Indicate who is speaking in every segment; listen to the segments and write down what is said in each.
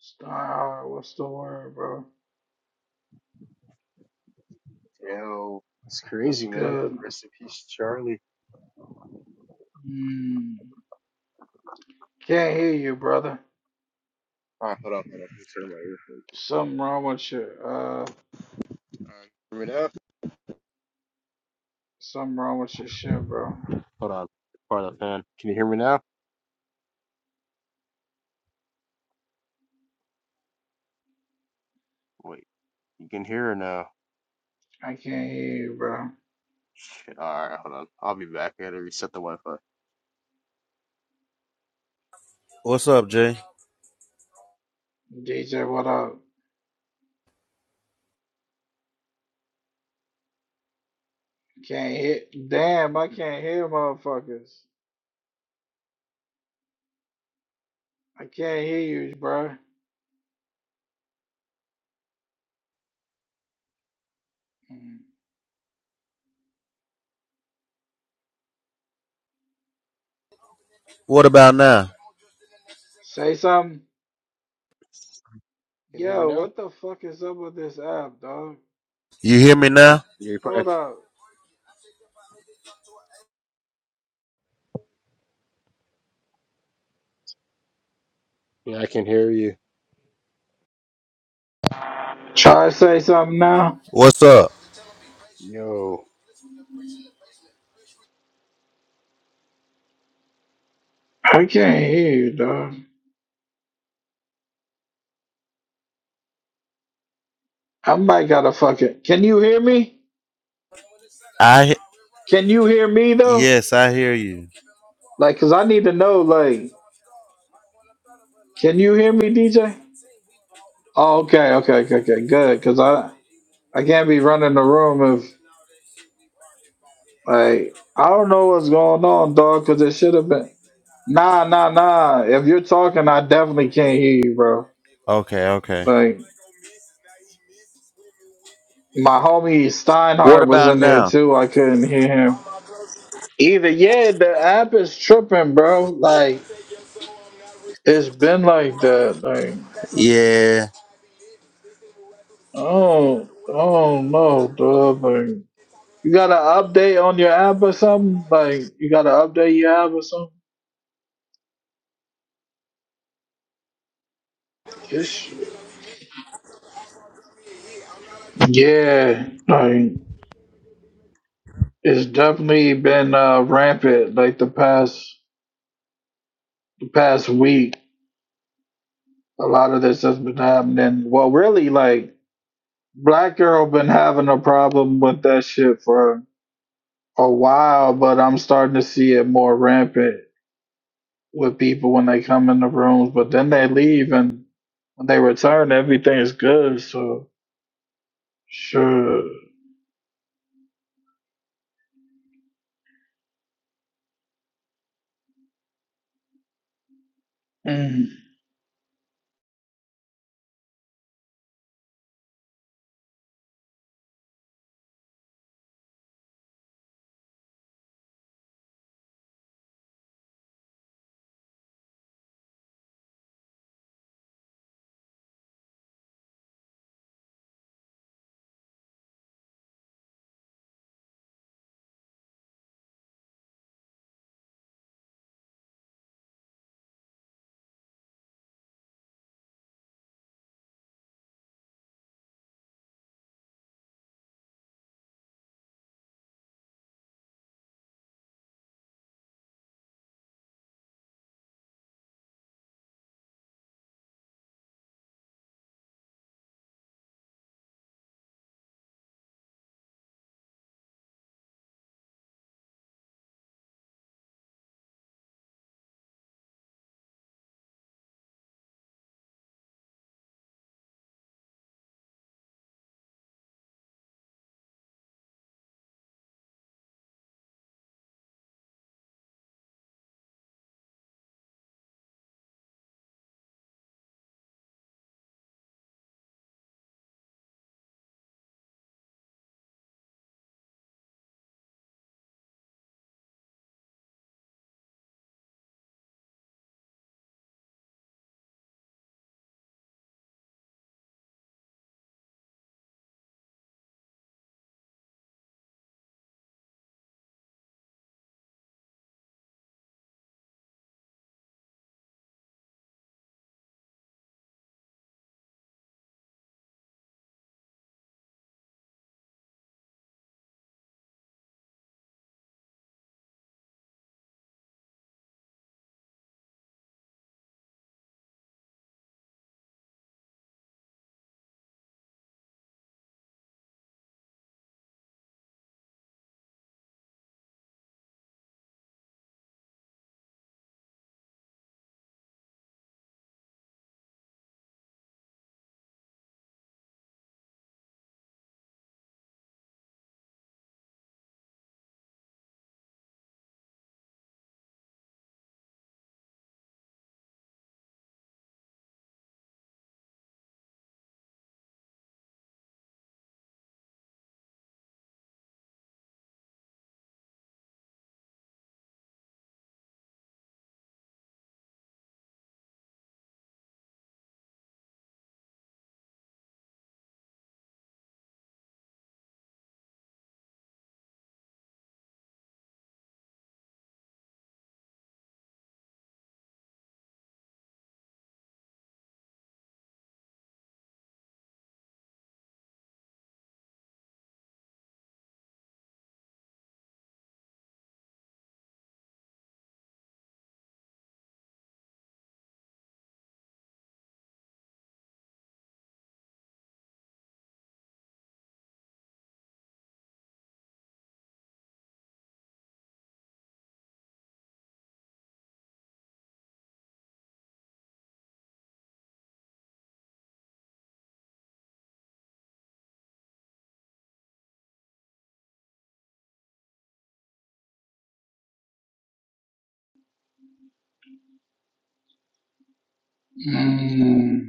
Speaker 1: Star, what's the word, bro?
Speaker 2: Yo, it's
Speaker 1: What's
Speaker 2: crazy, man.
Speaker 1: good?
Speaker 2: Rest in peace, Charlie.
Speaker 1: Mm. Can't hear you, brother.
Speaker 2: All right, hold on, hold on. Let me turn my earphones.
Speaker 1: Something wrong with your uh,
Speaker 2: All right, hear me now?
Speaker 1: something wrong with your shit, bro.
Speaker 2: Hold on. Part up, man. Can you hear me now? Wait, you can hear or no?
Speaker 1: I can't hear you, bro.
Speaker 2: Shit, all right, hold on. I'll be back. I gotta reset the Wi-Fi.
Speaker 3: What's up, Jay?
Speaker 1: DJ, what up? Can't hear. Damn, I can't hear motherfuckers. I can't hear you, bro. Mm.
Speaker 3: What about now?
Speaker 1: Say something.
Speaker 2: Can you hear me
Speaker 1: Yo,
Speaker 2: now?
Speaker 1: what the fuck is up with this app, dog?
Speaker 3: You hear me now?
Speaker 2: Yeah, you
Speaker 1: Hold
Speaker 2: probably-
Speaker 1: up.
Speaker 2: yeah, I can hear you.
Speaker 1: Try to say something now.
Speaker 3: What's up?
Speaker 2: Yo.
Speaker 1: I can't hear you, dog. I might gotta fucking. Can you hear me?
Speaker 3: I
Speaker 1: Can you hear me though?
Speaker 3: Yes, I hear you.
Speaker 1: Like, cause I need to know. Like, can you hear me, DJ? Oh, okay, okay, okay, okay, good. Cause I I can't be running the room if like I don't know what's going on, dog. Cause it should have been nah, nah, nah. If you're talking, I definitely can't hear you, bro.
Speaker 3: Okay, okay.
Speaker 1: Like my homie
Speaker 3: What
Speaker 1: Steinhardt was
Speaker 3: about
Speaker 1: in there
Speaker 3: now?
Speaker 1: too. I couldn't hear him either. Yeah, the app is tripping, bro. Like it's been like that. Like.
Speaker 3: Yeah.
Speaker 1: Oh, oh no, dog. Like, you got an update on your app or something? Like, you got to update your app or something? This shit. Yeah, like, it's definitely been uh, rampant, like, the past, the past week. A lot of this has been happening. Well, really, like, Black Girl been having a problem with that shit for a while, but I'm starting to see it more rampant. with people when they come in the rooms, but then they leave and when they return, everything is good. So sure. Mm, mm,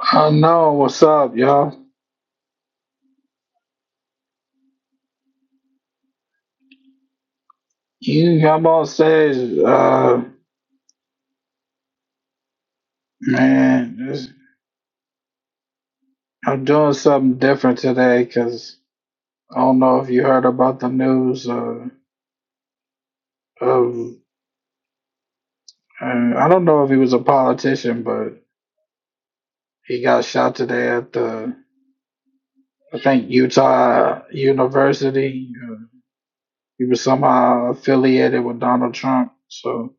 Speaker 1: I know what's up, y'all. You come on stage, uh, man. This, I'm doing something different today because I don't know if you heard about the news. Uh, of uh, I don't know if he was a politician, but he got shot today at the I think Utah University. uh, He was somehow affiliated with Donald Trump. So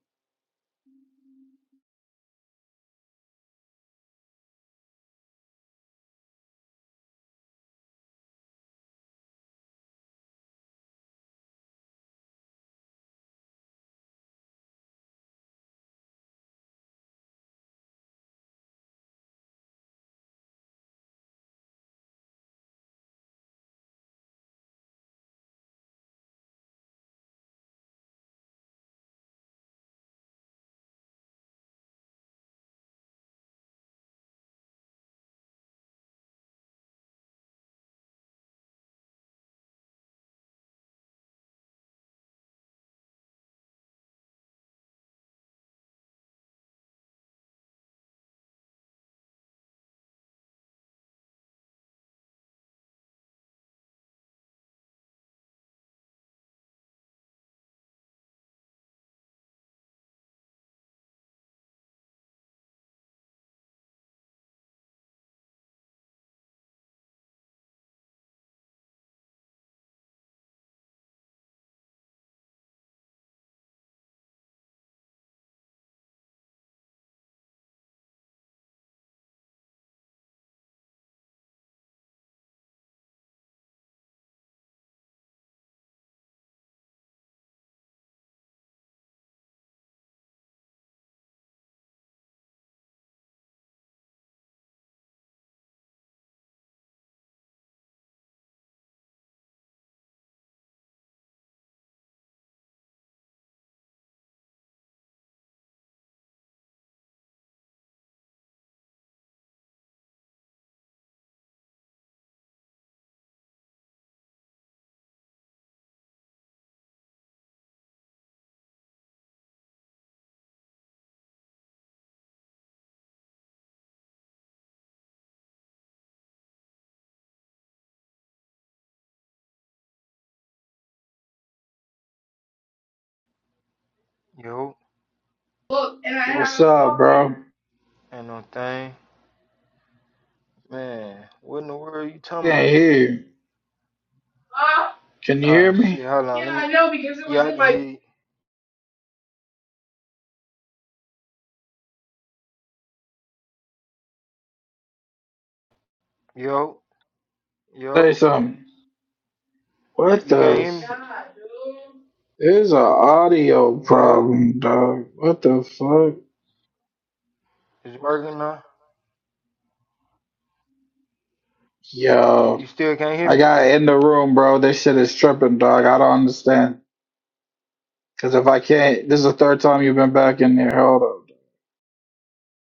Speaker 4: Yo,
Speaker 1: look, and I what's up, bro?
Speaker 4: ain't no thing. Man, what in the world you talking
Speaker 1: Can't
Speaker 4: about?
Speaker 1: hear you. Can you hear
Speaker 4: Ah,
Speaker 1: me?
Speaker 4: shit, hold on. Let me. Yeah, I can hear you. Yo,
Speaker 1: Say
Speaker 4: yo,
Speaker 1: something. What
Speaker 4: you can't
Speaker 1: the?
Speaker 4: hear me?
Speaker 1: f- There's an audio
Speaker 4: Yo,
Speaker 1: problem, dog. What the fuck?
Speaker 4: it's working now.
Speaker 1: Yo,
Speaker 4: You still can't hear
Speaker 1: I
Speaker 4: me?
Speaker 1: got in the room, bro. This shit is tripping, dog. I don't understand. Cause if I can't, this is the third time you've been back in there. Hold up.